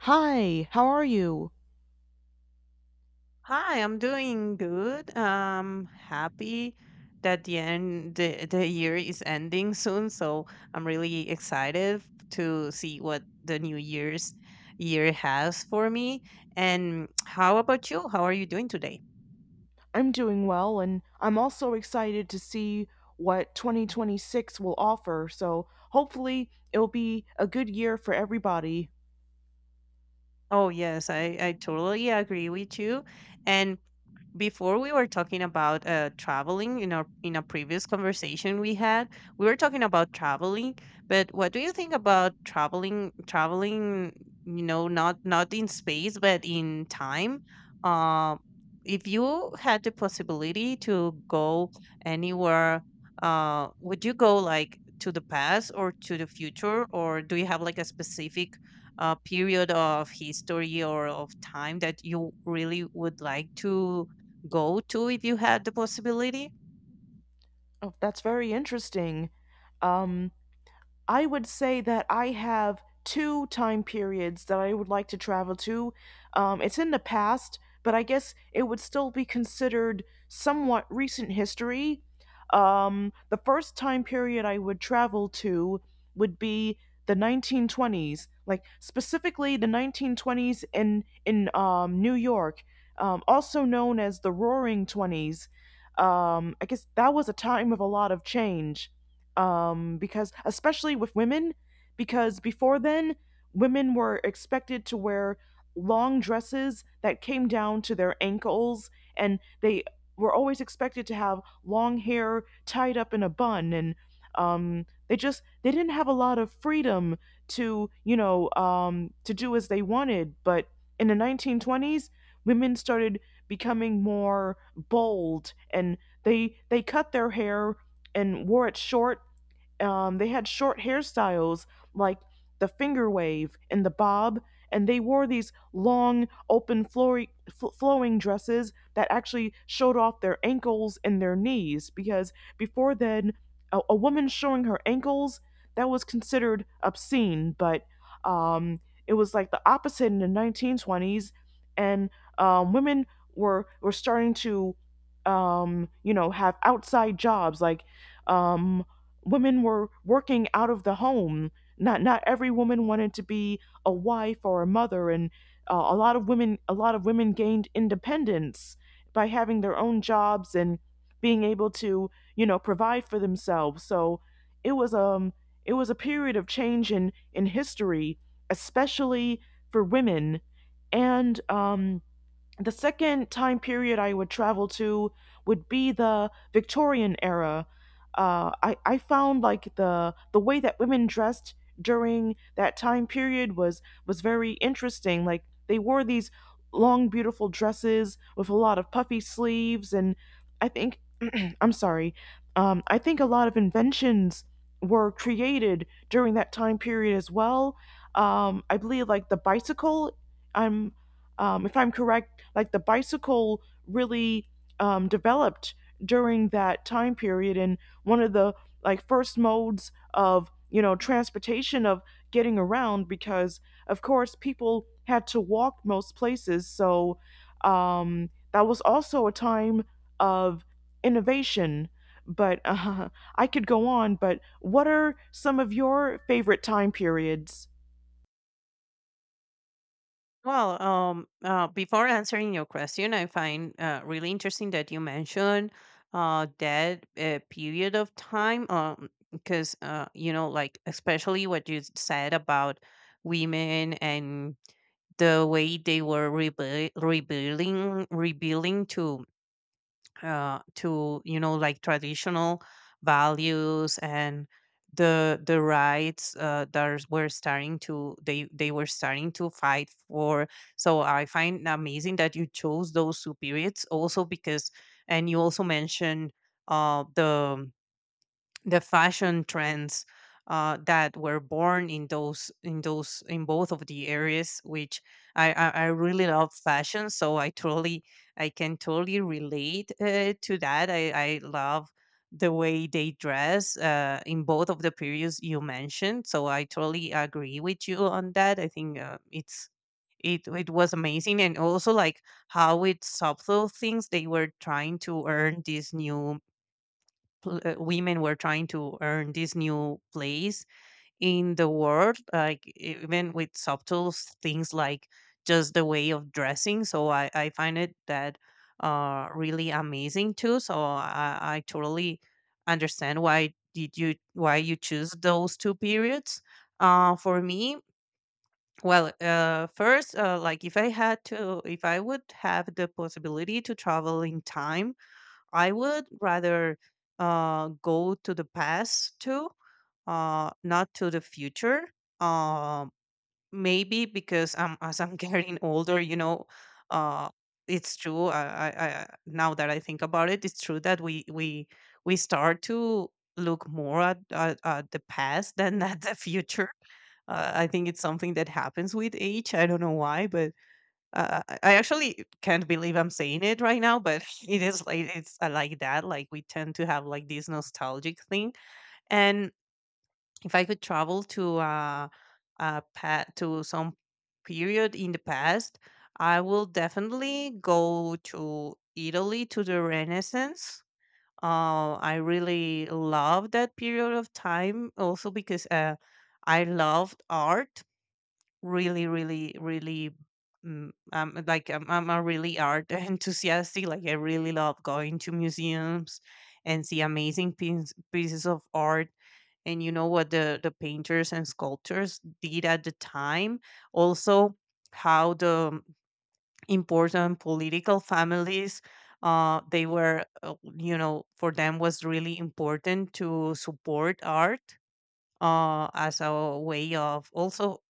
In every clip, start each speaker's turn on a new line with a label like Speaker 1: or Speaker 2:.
Speaker 1: Hi, how are you?
Speaker 2: Hi, I'm doing good. Happy that the year is ending soon, so I'm really excited to see what the new year's year has for me. And how about you? How are you doing today?
Speaker 1: I'm doing well, and I'm also excited to see what 2026 will offer. So hopefully it'll be a good year for everybody.
Speaker 2: Oh yes, I totally agree with you. And before we were talking about traveling in a previous conversation we had, we were talking about traveling, but what do you think about traveling, not in space but in time, um if you had the possibility to go anywhere, would you go like to the past or to the future, or do you have like a specific period of history or of time that you really would like to go to if you had the possibility?
Speaker 1: Oh, that's very interesting. Um, I would say that I have two time periods that I would like to travel to. It's in the past, but I guess it would still be considered somewhat recent history. The first time period I would travel to would be the 1920s, like specifically the 1920s in New York, also known as the Roaring Twenties. I guess that was a time of a lot of change because especially with women, because before then, women were expected to wear long dresses that came down to their ankles, and they were always expected to have long hair tied up in a bun, and they didn't have a lot of freedom to to do as they wanted. But in the 1920s, women started becoming more bold, and they cut their hair and wore it short. They had short hairstyles like the finger wave and the bob, and they wore these long, open, flowing dresses that actually showed off their ankles and their knees because before then, a woman showing her ankles, that was considered obscene, but um, it was like the opposite in the 1920s, and women were starting to have outside jobs like um, women were working out of the home. Not every woman wanted to be a wife or a mother, and a lot of women gained independence by having their own jobs and being able to provide for themselves. So it was um it was a period of change in history, especially for women, and the second time period I would travel to would be the Victorian era. I found like the way that women dressed during that time period was very interesting. Like they wore these long, beautiful dresses with a lot of puffy sleeves, and I think I'm sorry. I think a lot of inventions were created during that time period as well. I believe like the bicycle. I'm If I'm correct, like the bicycle really developed during that time period and one of the like first modes of transportation, of getting around, because of course people had to walk most places. So that was also a time of innovation, but I could go on. But what are some of your favorite time periods?
Speaker 2: Well, before answering your question, I find really interesting that you mentioned that period of time, because you know, like especially what you said about women and the way they were rebuilding to you know, like traditional values, and the rights that were, starting to they were starting to fight for. So I find amazing that you chose those two periods. Also, because, and you also mentioned uh the the fashion trends that were born in both of the areas, which I really love fashion, so I can totally relate to that. I love the way they dress in both of the periods you mentioned, so I totally agree with you on that. I think it's, it was amazing. And also, like, how with subtle things they were trying to earn this new pl- women were trying to earn this new place in the world, like even with subtle things like just the way of dressing. So I find it that really amazing too. So I totally understand why you choose those two periods. For me, well, first, like, if I would have the possibility to travel in time, I would rather go to the past too, not to the future. Uh, Maybe because I'm as I'm getting older. You know, uh, it's true. I Now that I think about it, it's true that we start to look more at the past than at the future. I think it's something that happens with age. I don't know why, but I actually can't believe I'm saying it right now, but it's like that. Like, we tend to have, like, this nostalgic thing. And if I could travel to to some period in the past, I will definitely go to Italy, to the Renaissance. I really love that period of time, also because I loved art, really, really, really. Like, I'm a really art enthusiastic. Like, I really love going to museums and see amazing pieces of art, and, you know, what the painters and sculptors did at the time. Also, how the important political families, they were, you know, for them was really important to support art as a way of also,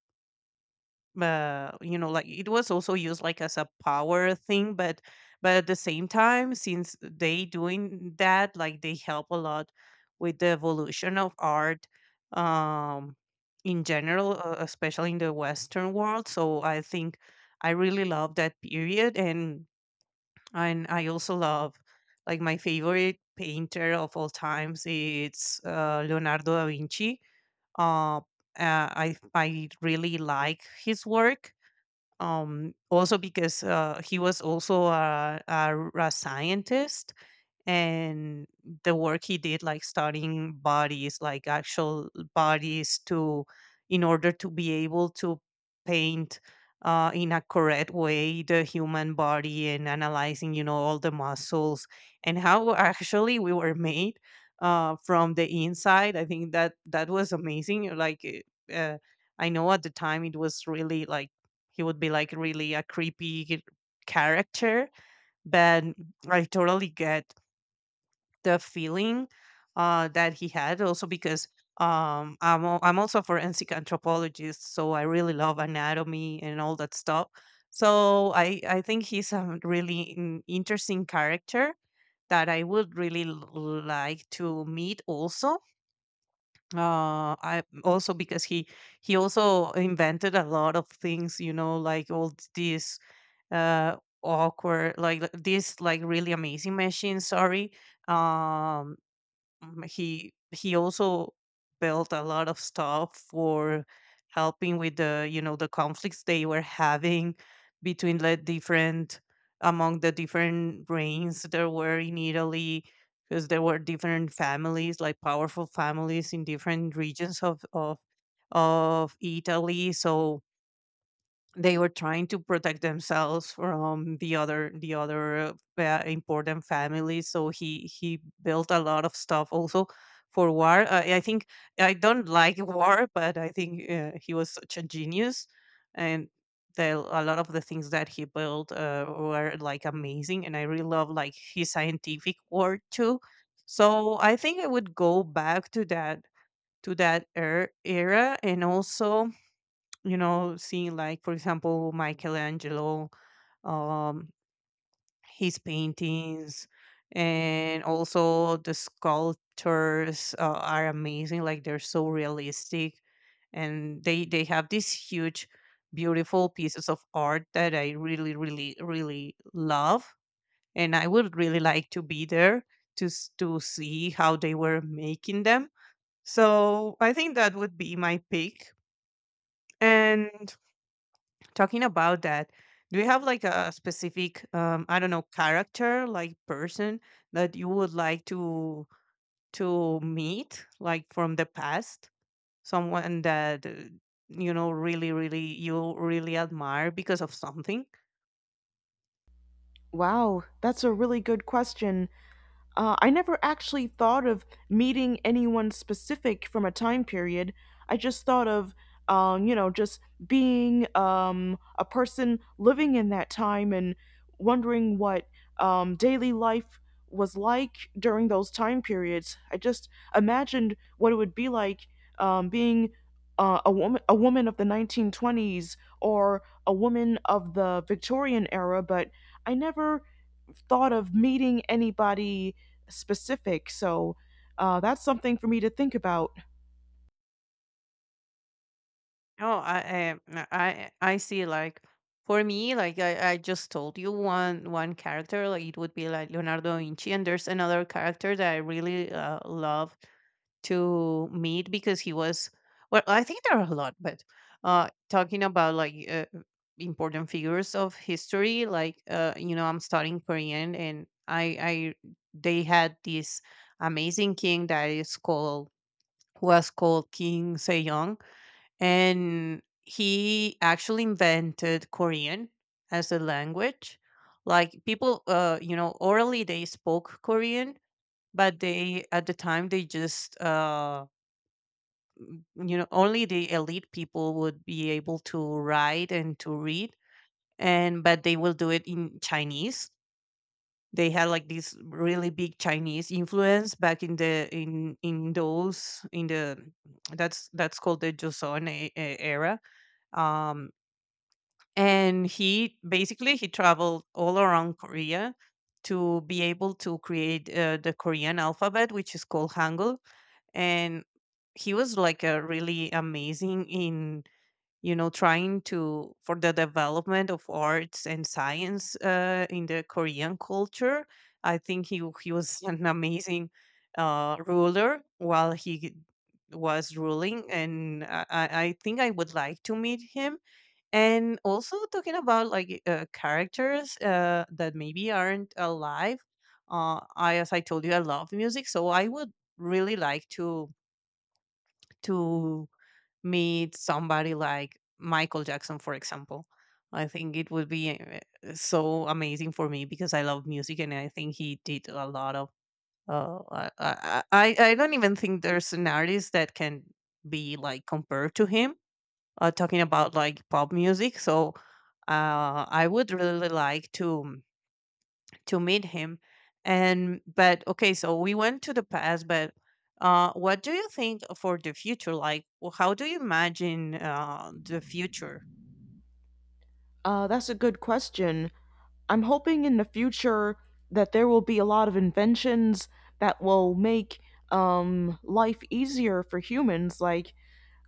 Speaker 2: you know, like, it was also used like as a power thing. But at the same time, since they doing that, like, they help a lot with the evolution of art, um in general, especially in the western world. So I think I really love that period. And I also love, like, my favorite painter of all times, it's Leonardo da Vinci. uh, I really like his work, also because he was also a scientist, and the work he did, like studying bodies, like actual bodies, to in order to be able to paint in a correct way the human body, and analyzing, you know, all the muscles and how actually we were made, from the inside. I think that that was amazing. Uh, I know at the time it was really like he would be like really a creepy character, but I totally get the feeling that he had, also because, I'm also a forensic anthropologist, so I really love anatomy and all that stuff. So I think he's a really interesting character that I would really like to meet. Also I also because he also invented a lot of things, you know, like all these, uh, awkward, these, like, really amazing machines. Sorry. um he also built a lot of stuff for helping with, the you know, the conflicts they were having between the different, among the different reigns there were in Italy, because there were different families, like powerful families in different regions of Italy. So they were trying to protect themselves from the other important families, so he built a lot of stuff also for war. I think I don't like war, but I think he was such a genius. And a lot of the things that he built were, like, amazing. And I really love, like, his scientific work too. So I think I would go back to that, to that era. And also, seeing, like, for example, Michelangelo, um, his paintings, and also the sculptures are amazing. Like, they're so realistic, and they have these huge, beautiful pieces of art that I really, really, really love. And I would really like to be there to see how they were making them. So I think that would be my pick. And, talking about that, do you have like a specific, I don't know, character, like, person that you would like to meet, like, from the past? Someone that you know, really, really, you really admire because of something?
Speaker 1: Wow, that's a really good question. I never actually thought of meeting anyone specific from a time period. I just thought of, just being a person living in that time and wondering what daily life was like during those time periods. I just imagined what it would be like being a woman of the 1920s or a woman of the Victorian era, but I never thought of meeting anybody specific. So that's something for me to think about.
Speaker 2: No, I see. Like, for me, like, I just told you one character. Like, it would be like Leonardo da Vinci, and there's another character that I really love to meet, because he was. Well, I think there are a lot, but talking about, like, important figures of history, like, you know, I'm studying Korean, and they had this amazing king that is called was called King Sejong. And he actually invented Korean as a language. Like, people, you know, orally they spoke Korean, but they at the time they just, you know, only the elite people would be able to write and to read, and but they will do it in Chinese. They had like this really big Chinese influence back in the in in those in the. That's called the Joseon era. Um, and he traveled all around Korea to be able to create the Korean alphabet, which is called Hangul. And he was, like, a really amazing, in you know trying to for the development of arts and science, in the Korean culture. I think he was an amazing ruler while he was ruling, and I think I would like to meet him. And also, talking about, like, characters that maybe aren't alive. As I told you, I love music, so I would really like to meet somebody like Michael Jackson, for example. I think it would be so amazing for me, because I love music, and I think he did a lot of. I don't even think there's an artist that can be, like, compared to him, talking about, like, pop music. So I would really like to meet him. And but okay, so we went to the past, but what do you think for the future? Like, how do you imagine the future?
Speaker 1: That's a good question. I'm hoping in the future that there will be a lot of inventions that will make life easier for humans, like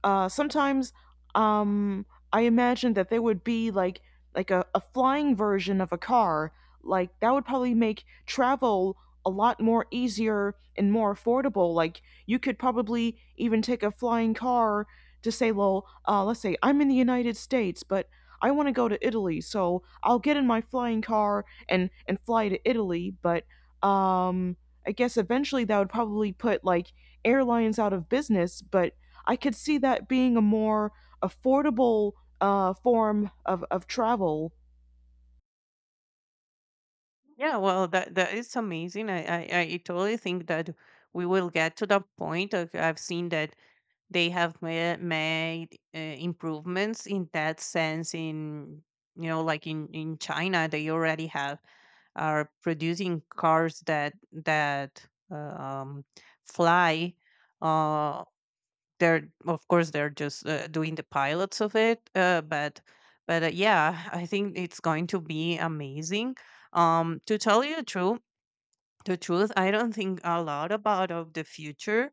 Speaker 1: sometimes um, I imagine that there would be like a flying version of a car. Like that would probably make travel a lot more easier and more affordable. Like you could probably even take a flying car to, say, well, let's say I'm in the United States, but I want to go to Italy, so I'll get in my flying car and fly to Italy. But um, I guess eventually that would probably put like airlines out of business. But I could see that being a more affordable form of travel.
Speaker 2: Yeah, well, that is amazing. I totally think that we will get to that point. Like, I've seen that they have made improvements in that sense. In you know, like in China, they already have are producing cars that um, fly. Uh, they're of course they're just doing the pilots of it, but yeah, I think it's going to be amazing. To tell you the truth, I don't think a lot about of the future.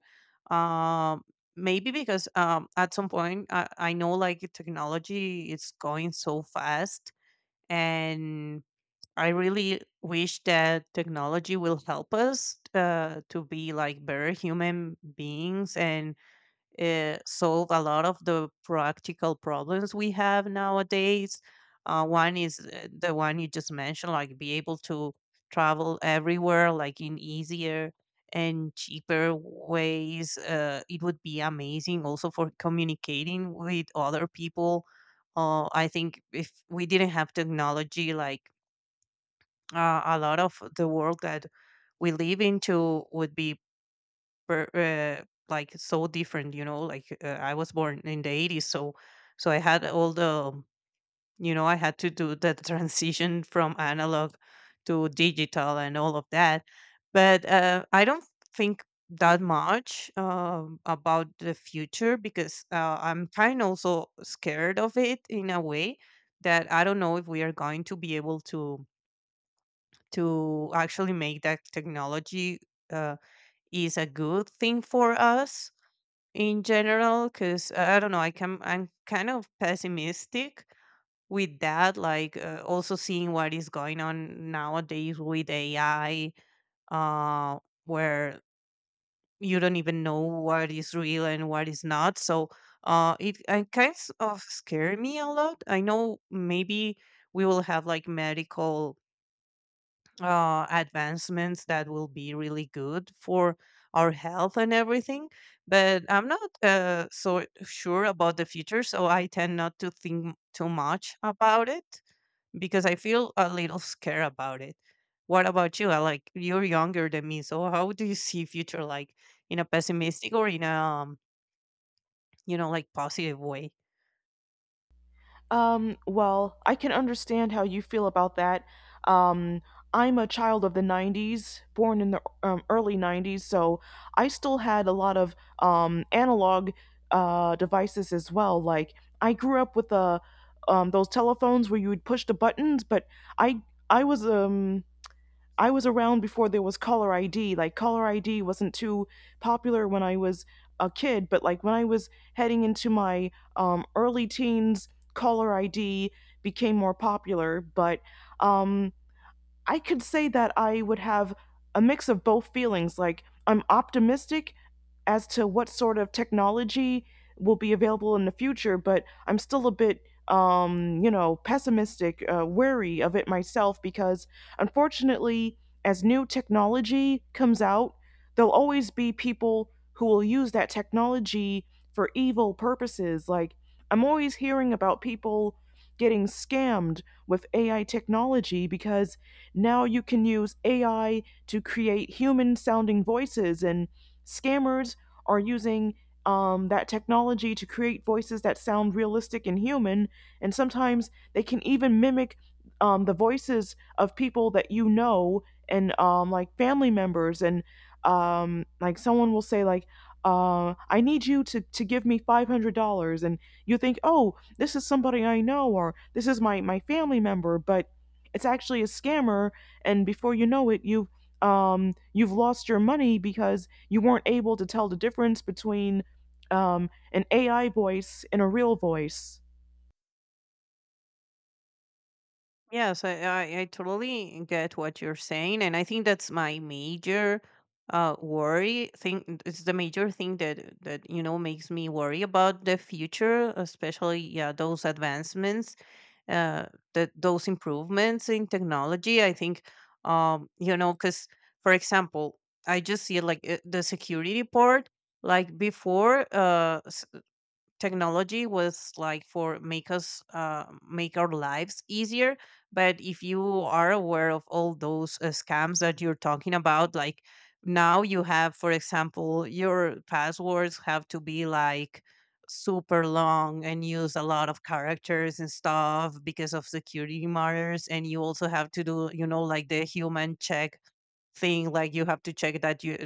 Speaker 2: Um, maybe because at some point I know, like, technology is going so fast, and I really wish that technology will help us to be like better human beings and solve a lot of the practical problems we have nowadays. One is the one you just mentioned, like be able to travel everywhere, like in easier and cheaper ways. It would be amazing also for communicating with other people. I think if we didn't have technology, like a lot of the world that we live into would be like so different, I was born in the 80s, so I had all the, I had to do the transition from analog to digital and all of that. But I don't think that much about the future because I'm kind of also scared of it in a way that I don't know if we are going to be able to actually make that technology uh, is a good thing for us in general. Because I don't know, I'm kind of pessimistic with that, like also seeing what is going on nowadays with AI, uh where you don't even know what is real and what is not. So it kind of scare me a lot. I know maybe we will have like medical advancements that will be really good for our health and everything. But I'm not so sure about the future, so I tend not to think too much about it because I feel a little scared about it. What about you? Like, you're younger than me, so how do you see future? Like in a pessimistic or in a like positive way?
Speaker 1: Well, I can understand how you feel about that. Um, I'm a child of the 90s, born in the early 90s, so I still had a lot of analog devices as well. Like, I grew up with those telephones where you would push the buttons, but I I was um I was around before there was caller ID. Like, caller ID wasn't too popular when I was a kid, but like when I was heading into my early teens, caller ID became more popular. But um, I could say that I would have a mix of both feelings. Like, I'm optimistic as to what sort of technology will be available in the future, but I'm still a bit, pessimistic, wary of it myself because unfortunately, as new technology comes out, there'll always be people who will use that technology for evil purposes. Like, I'm always hearing about people getting scammed with AI technology because now you can use AI to create human sounding voices, and scammers are using that technology to create voices that sound realistic and human. And sometimes they can even mimic the voices of people that you know and like family members. And like someone will say, like, I need to give me $500. And you think, oh, this is somebody I know or this is my family member. But it's actually a scammer, and before you know it, you've lost your money because you weren't able to tell the difference between an AI voice and a real voice.
Speaker 2: Yes, I totally get what you're saying. And I think that's my major worry thing. It's the major thing that makes me worry about the future, especially, yeah, those advancements, uh, that those improvements in technology. I think, because, for example, I just see like the security part, like before, technology was like for make our lives easier. But if you are aware of all those scams that you're talking about, like, now you have, for example, your passwords have to be like super long and use a lot of characters and stuff because of security matters. And you also have to do, like, the human check thing. Like, you have to check that you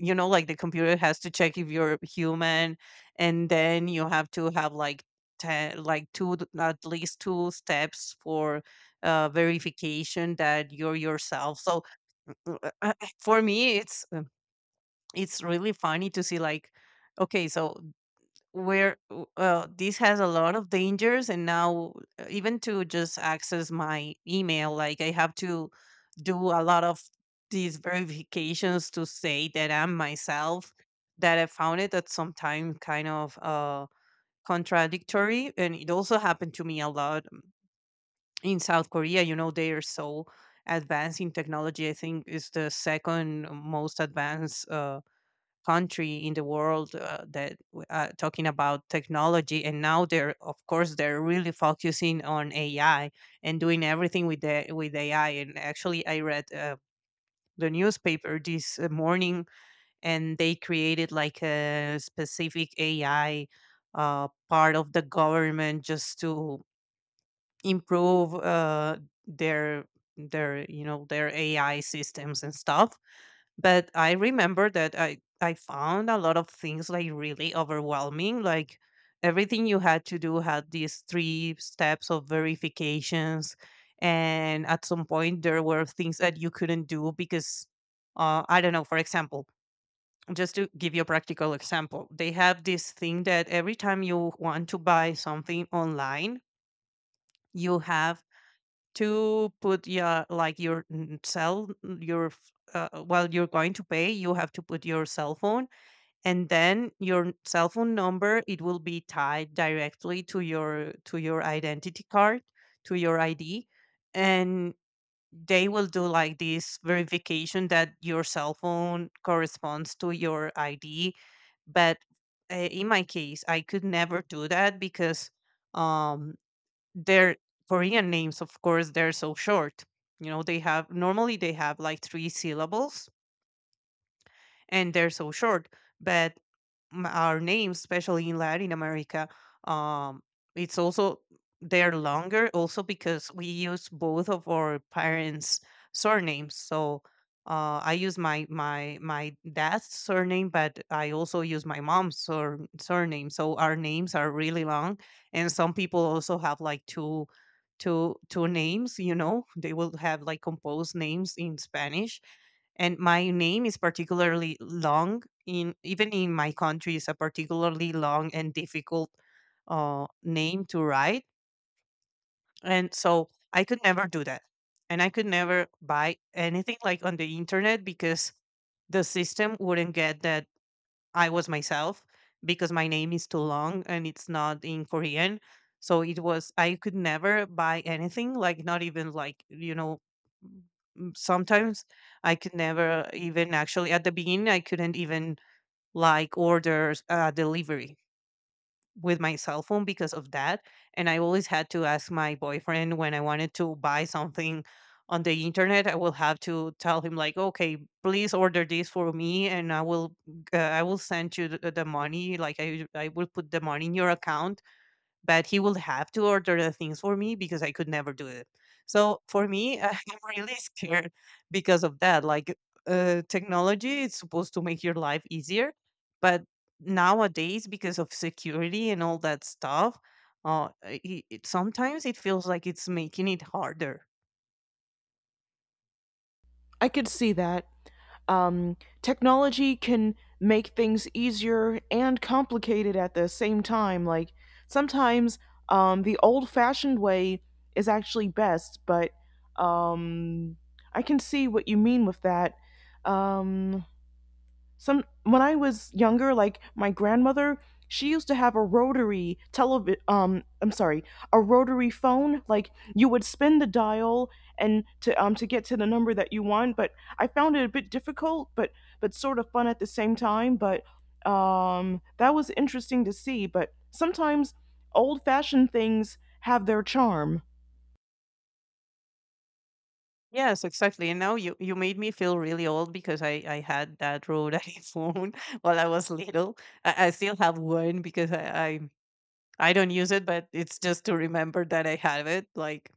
Speaker 2: you know like, the computer has to check if you're human. And then you have to have like 10, like at least two steps for verification that you're yourself. So for me it's really funny to see, like, okay, so this has a lot of dangers. And now even to just access my email, like, I have to do a lot of these verifications to say that I'm myself, that I found it at some time kind of contradictory. And it also happened to me a lot in South Korea. They are so advanced in technology. I think is the second most advanced country in the world, talking about technology. And now they're of course they're really focusing on AI, and doing everything with AI. And actually I read the newspaper this morning, and they created like a specific AI part of the government just to improve their their you know their AI systems and stuff. But I remember that I found a lot of things like really overwhelming. Like, everything you had to do had these three steps of verifications, and at some point there were things that you couldn't do because I don't know. For example, just to give you a practical example, they have this thing that every time you want to buy something online, you have to put your like your mm, cell mm, your f- while you're going to pay, you have to put your cell phone. And then your cell phone number, it will be tied directly to your identity card, to your id. And they will do like this verification that your cell phone corresponds to your id. But in my case, I could never do that because um their Korean names, of course, they're so short. You know, they have normally they have like three syllables, and they're so short. But our names, especially in Latin America, um, it's also they're longer also because we use both of our parents' surnames. So I use my dad's surname, but I also use my mom's surname. So our names are really long, and some people also have like two names. You know, they will have like composed names in Spanish. And my name is particularly long, in even in my country is a particularly long and difficult name to write. And so I could never do that, and I could never buy anything like on the internet because the system wouldn't get that I was myself, because my name is too long and it's not in Korean. So it was I could never buy anything, like, not even, like, sometimes I could never even actually, at the beginning I couldn't even like orders delivery with my cell phone because of that. And I always had to ask my boyfriend. When I wanted to buy something on the internet, I will have to tell him, like, okay, please order this for me, and I will send you the money, like, I will put the money in your account, but he will have to order the things for me because I could never do it. So for me, I'm really scared because of that. Like, technology is supposed to make your life easier, but nowadays because of security and all that stuff, sometimes it feels like it's making it harder.
Speaker 1: I could see that. Technology can make things easier and complicated at the same time. Like sometimes the old fashioned way is actually best, but um, I can see what you mean with that. Um, Some when I was younger, like my grandmother, she used to have a rotary televi I'm sorry, a rotary phone. Like you would spin the dial and to get to the number that you want, but I found it a bit difficult, but sort of fun at the same time, but that was interesting to see, but sometimes old-fashioned things have their charm.
Speaker 2: Yes, exactly. And now you made me feel really old because I had that road phone while I was little. I still have one because I don't use it, but it's just to remember that I have it, like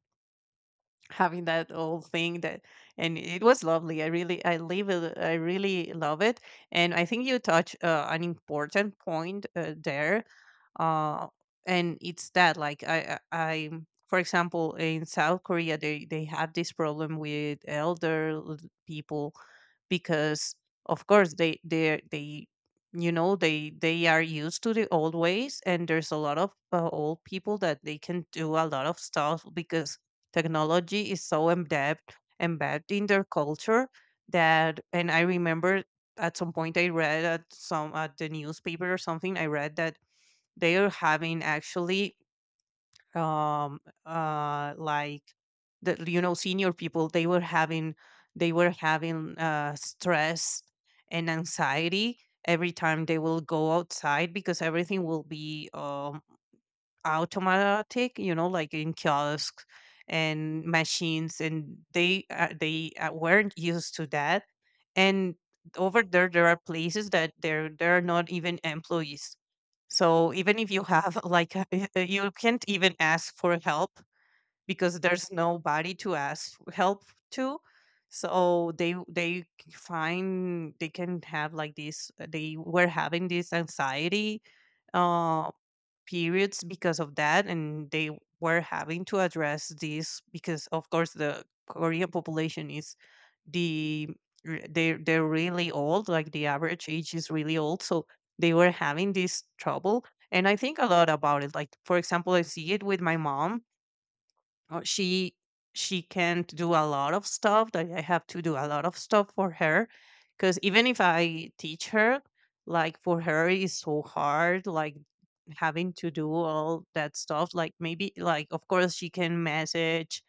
Speaker 2: having that old thing that and it was lovely. I live it, I really love it. And I think you touch an important point there, uh, and it's that, like, I for example in South Korea they have this problem with elder people, because of course they are used to the old ways. And there's a lot of old people that they can do a lot of stuff because technology is so embedded in their culture that and I remember, at some point I read at the newspaper or something, I read that they are having actually um like the, senior people, they were having stress and anxiety every time they will go outside because everything will be automatic, like in kiosks and machines, and they weren't used to that. And over there, there are places that there are not even employees. So even if you have like a, you can't even ask for help because there's nobody to ask help to. So they c- find they can have like this. They were having this anxiety uh, periods because of that, and they were having to address this because of course the Korean population is the they're really old. Like the average age is really old, so they were having this trouble. And I think a lot about it, like for example I see it with my mom. Uh, she she can't do a lot of stuff, like I have to do a lot of stuff for her because even if I teach her, like, for her it's so hard, like having to do all that stuff. Like, maybe, like, of course she can message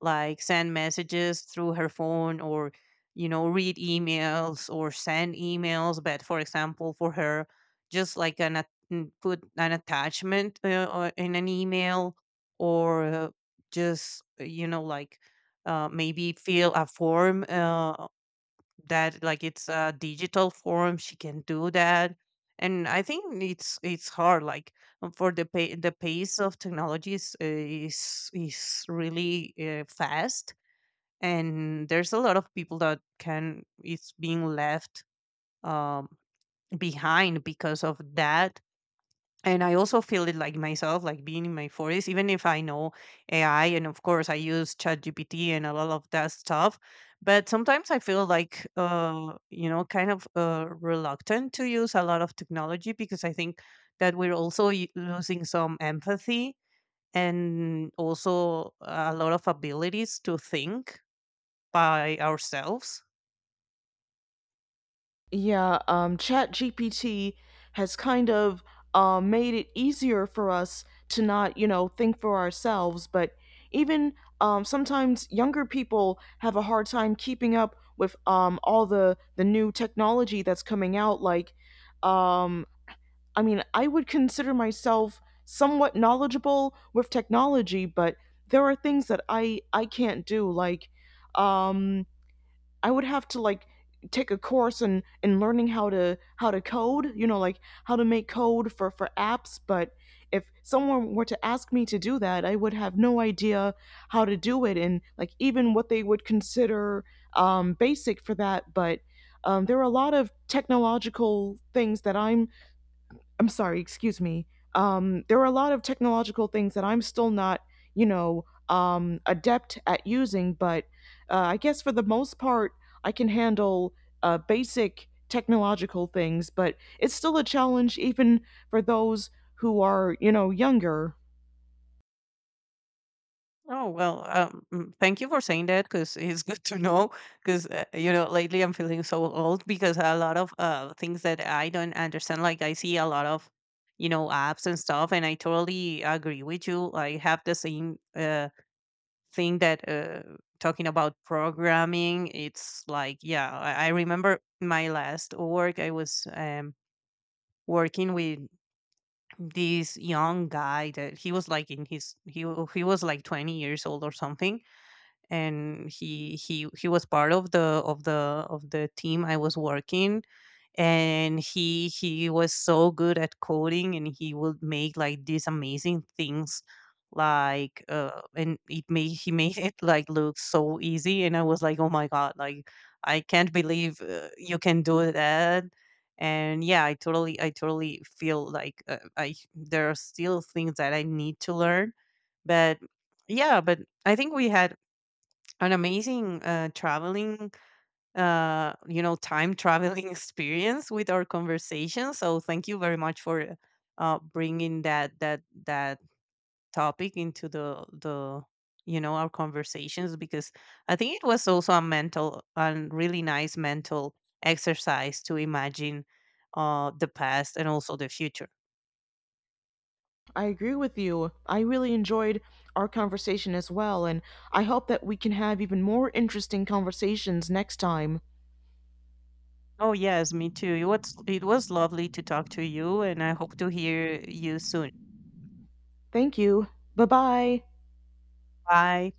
Speaker 2: like send messages through her phone, or, read emails or send emails. But for example, for her, just like put an attachment or in an email or just you know like maybe fill a form that, like, it's a digital form she can do that. And I think it's hard, like, for the pace of technology is is really fast. And there's a lot of people that can it's being left um, behind because of that. And I also feel it, like, myself, like being in my 40s, even if I know AI, and of course I use ChatGPT and a lot of that stuff. But sometimes I feel like, kind of reluctant to use a lot of technology because I think that we're also losing some empathy, and also a lot of abilities to think by ourselves.
Speaker 1: Yeah, ChatGPT has kind of made it easier for us to not, you know, think for ourselves. But even sometimes younger people have a hard time keeping up with all the new technology that's coming out. Like, um, I mean, I would consider myself somewhat knowledgeable with technology, but there are things that I can't do, like. Um, I would have to like take a course in learning how to code, you know, like how to make code for apps, but if someone were to ask me to do that, I would have no idea how to do it, and like even what they would consider basic for that. But there are a lot of technological things that I'm sorry, excuse me. There are a lot of technological things that I'm still not, you know, adept at using, but I guess for the most part, I can handle basic technological things, but it's still a challenge even for those who are, you know, younger.
Speaker 2: Oh, well, thank you for saying that because it's good to know. Because lately I'm feeling so old because a lot of things that I don't understand. Like I see a lot of, apps and stuff, and I totally agree with you. I have the same thing that talking about programming. It's like, yeah, I remember my last work. I was working with this young guy that he was like in his he was like 20 years old or something, and he was part of the team I was working. And he was so good at coding, and he would make like these amazing things, like and it made he made it like look so easy. And I was like, oh my god, like I can't believe you can do that. And yeah, I totally feel like, I there are still things that I need to learn. But yeah, but I think we had an amazing time traveling experience with our conversation. So thank you very much for bringing that topic into the you know our conversations, because I think it was also a mental and really nice mental exercise to imagine the past and also the future.
Speaker 1: I agree with you. I really enjoyed our conversation as well, and I hope that we can have even more interesting conversations next time.
Speaker 2: Oh yes, me too. It was lovely to talk to you, and I hope to hear you soon.
Speaker 1: Thank you. Bye bye.
Speaker 2: Bye.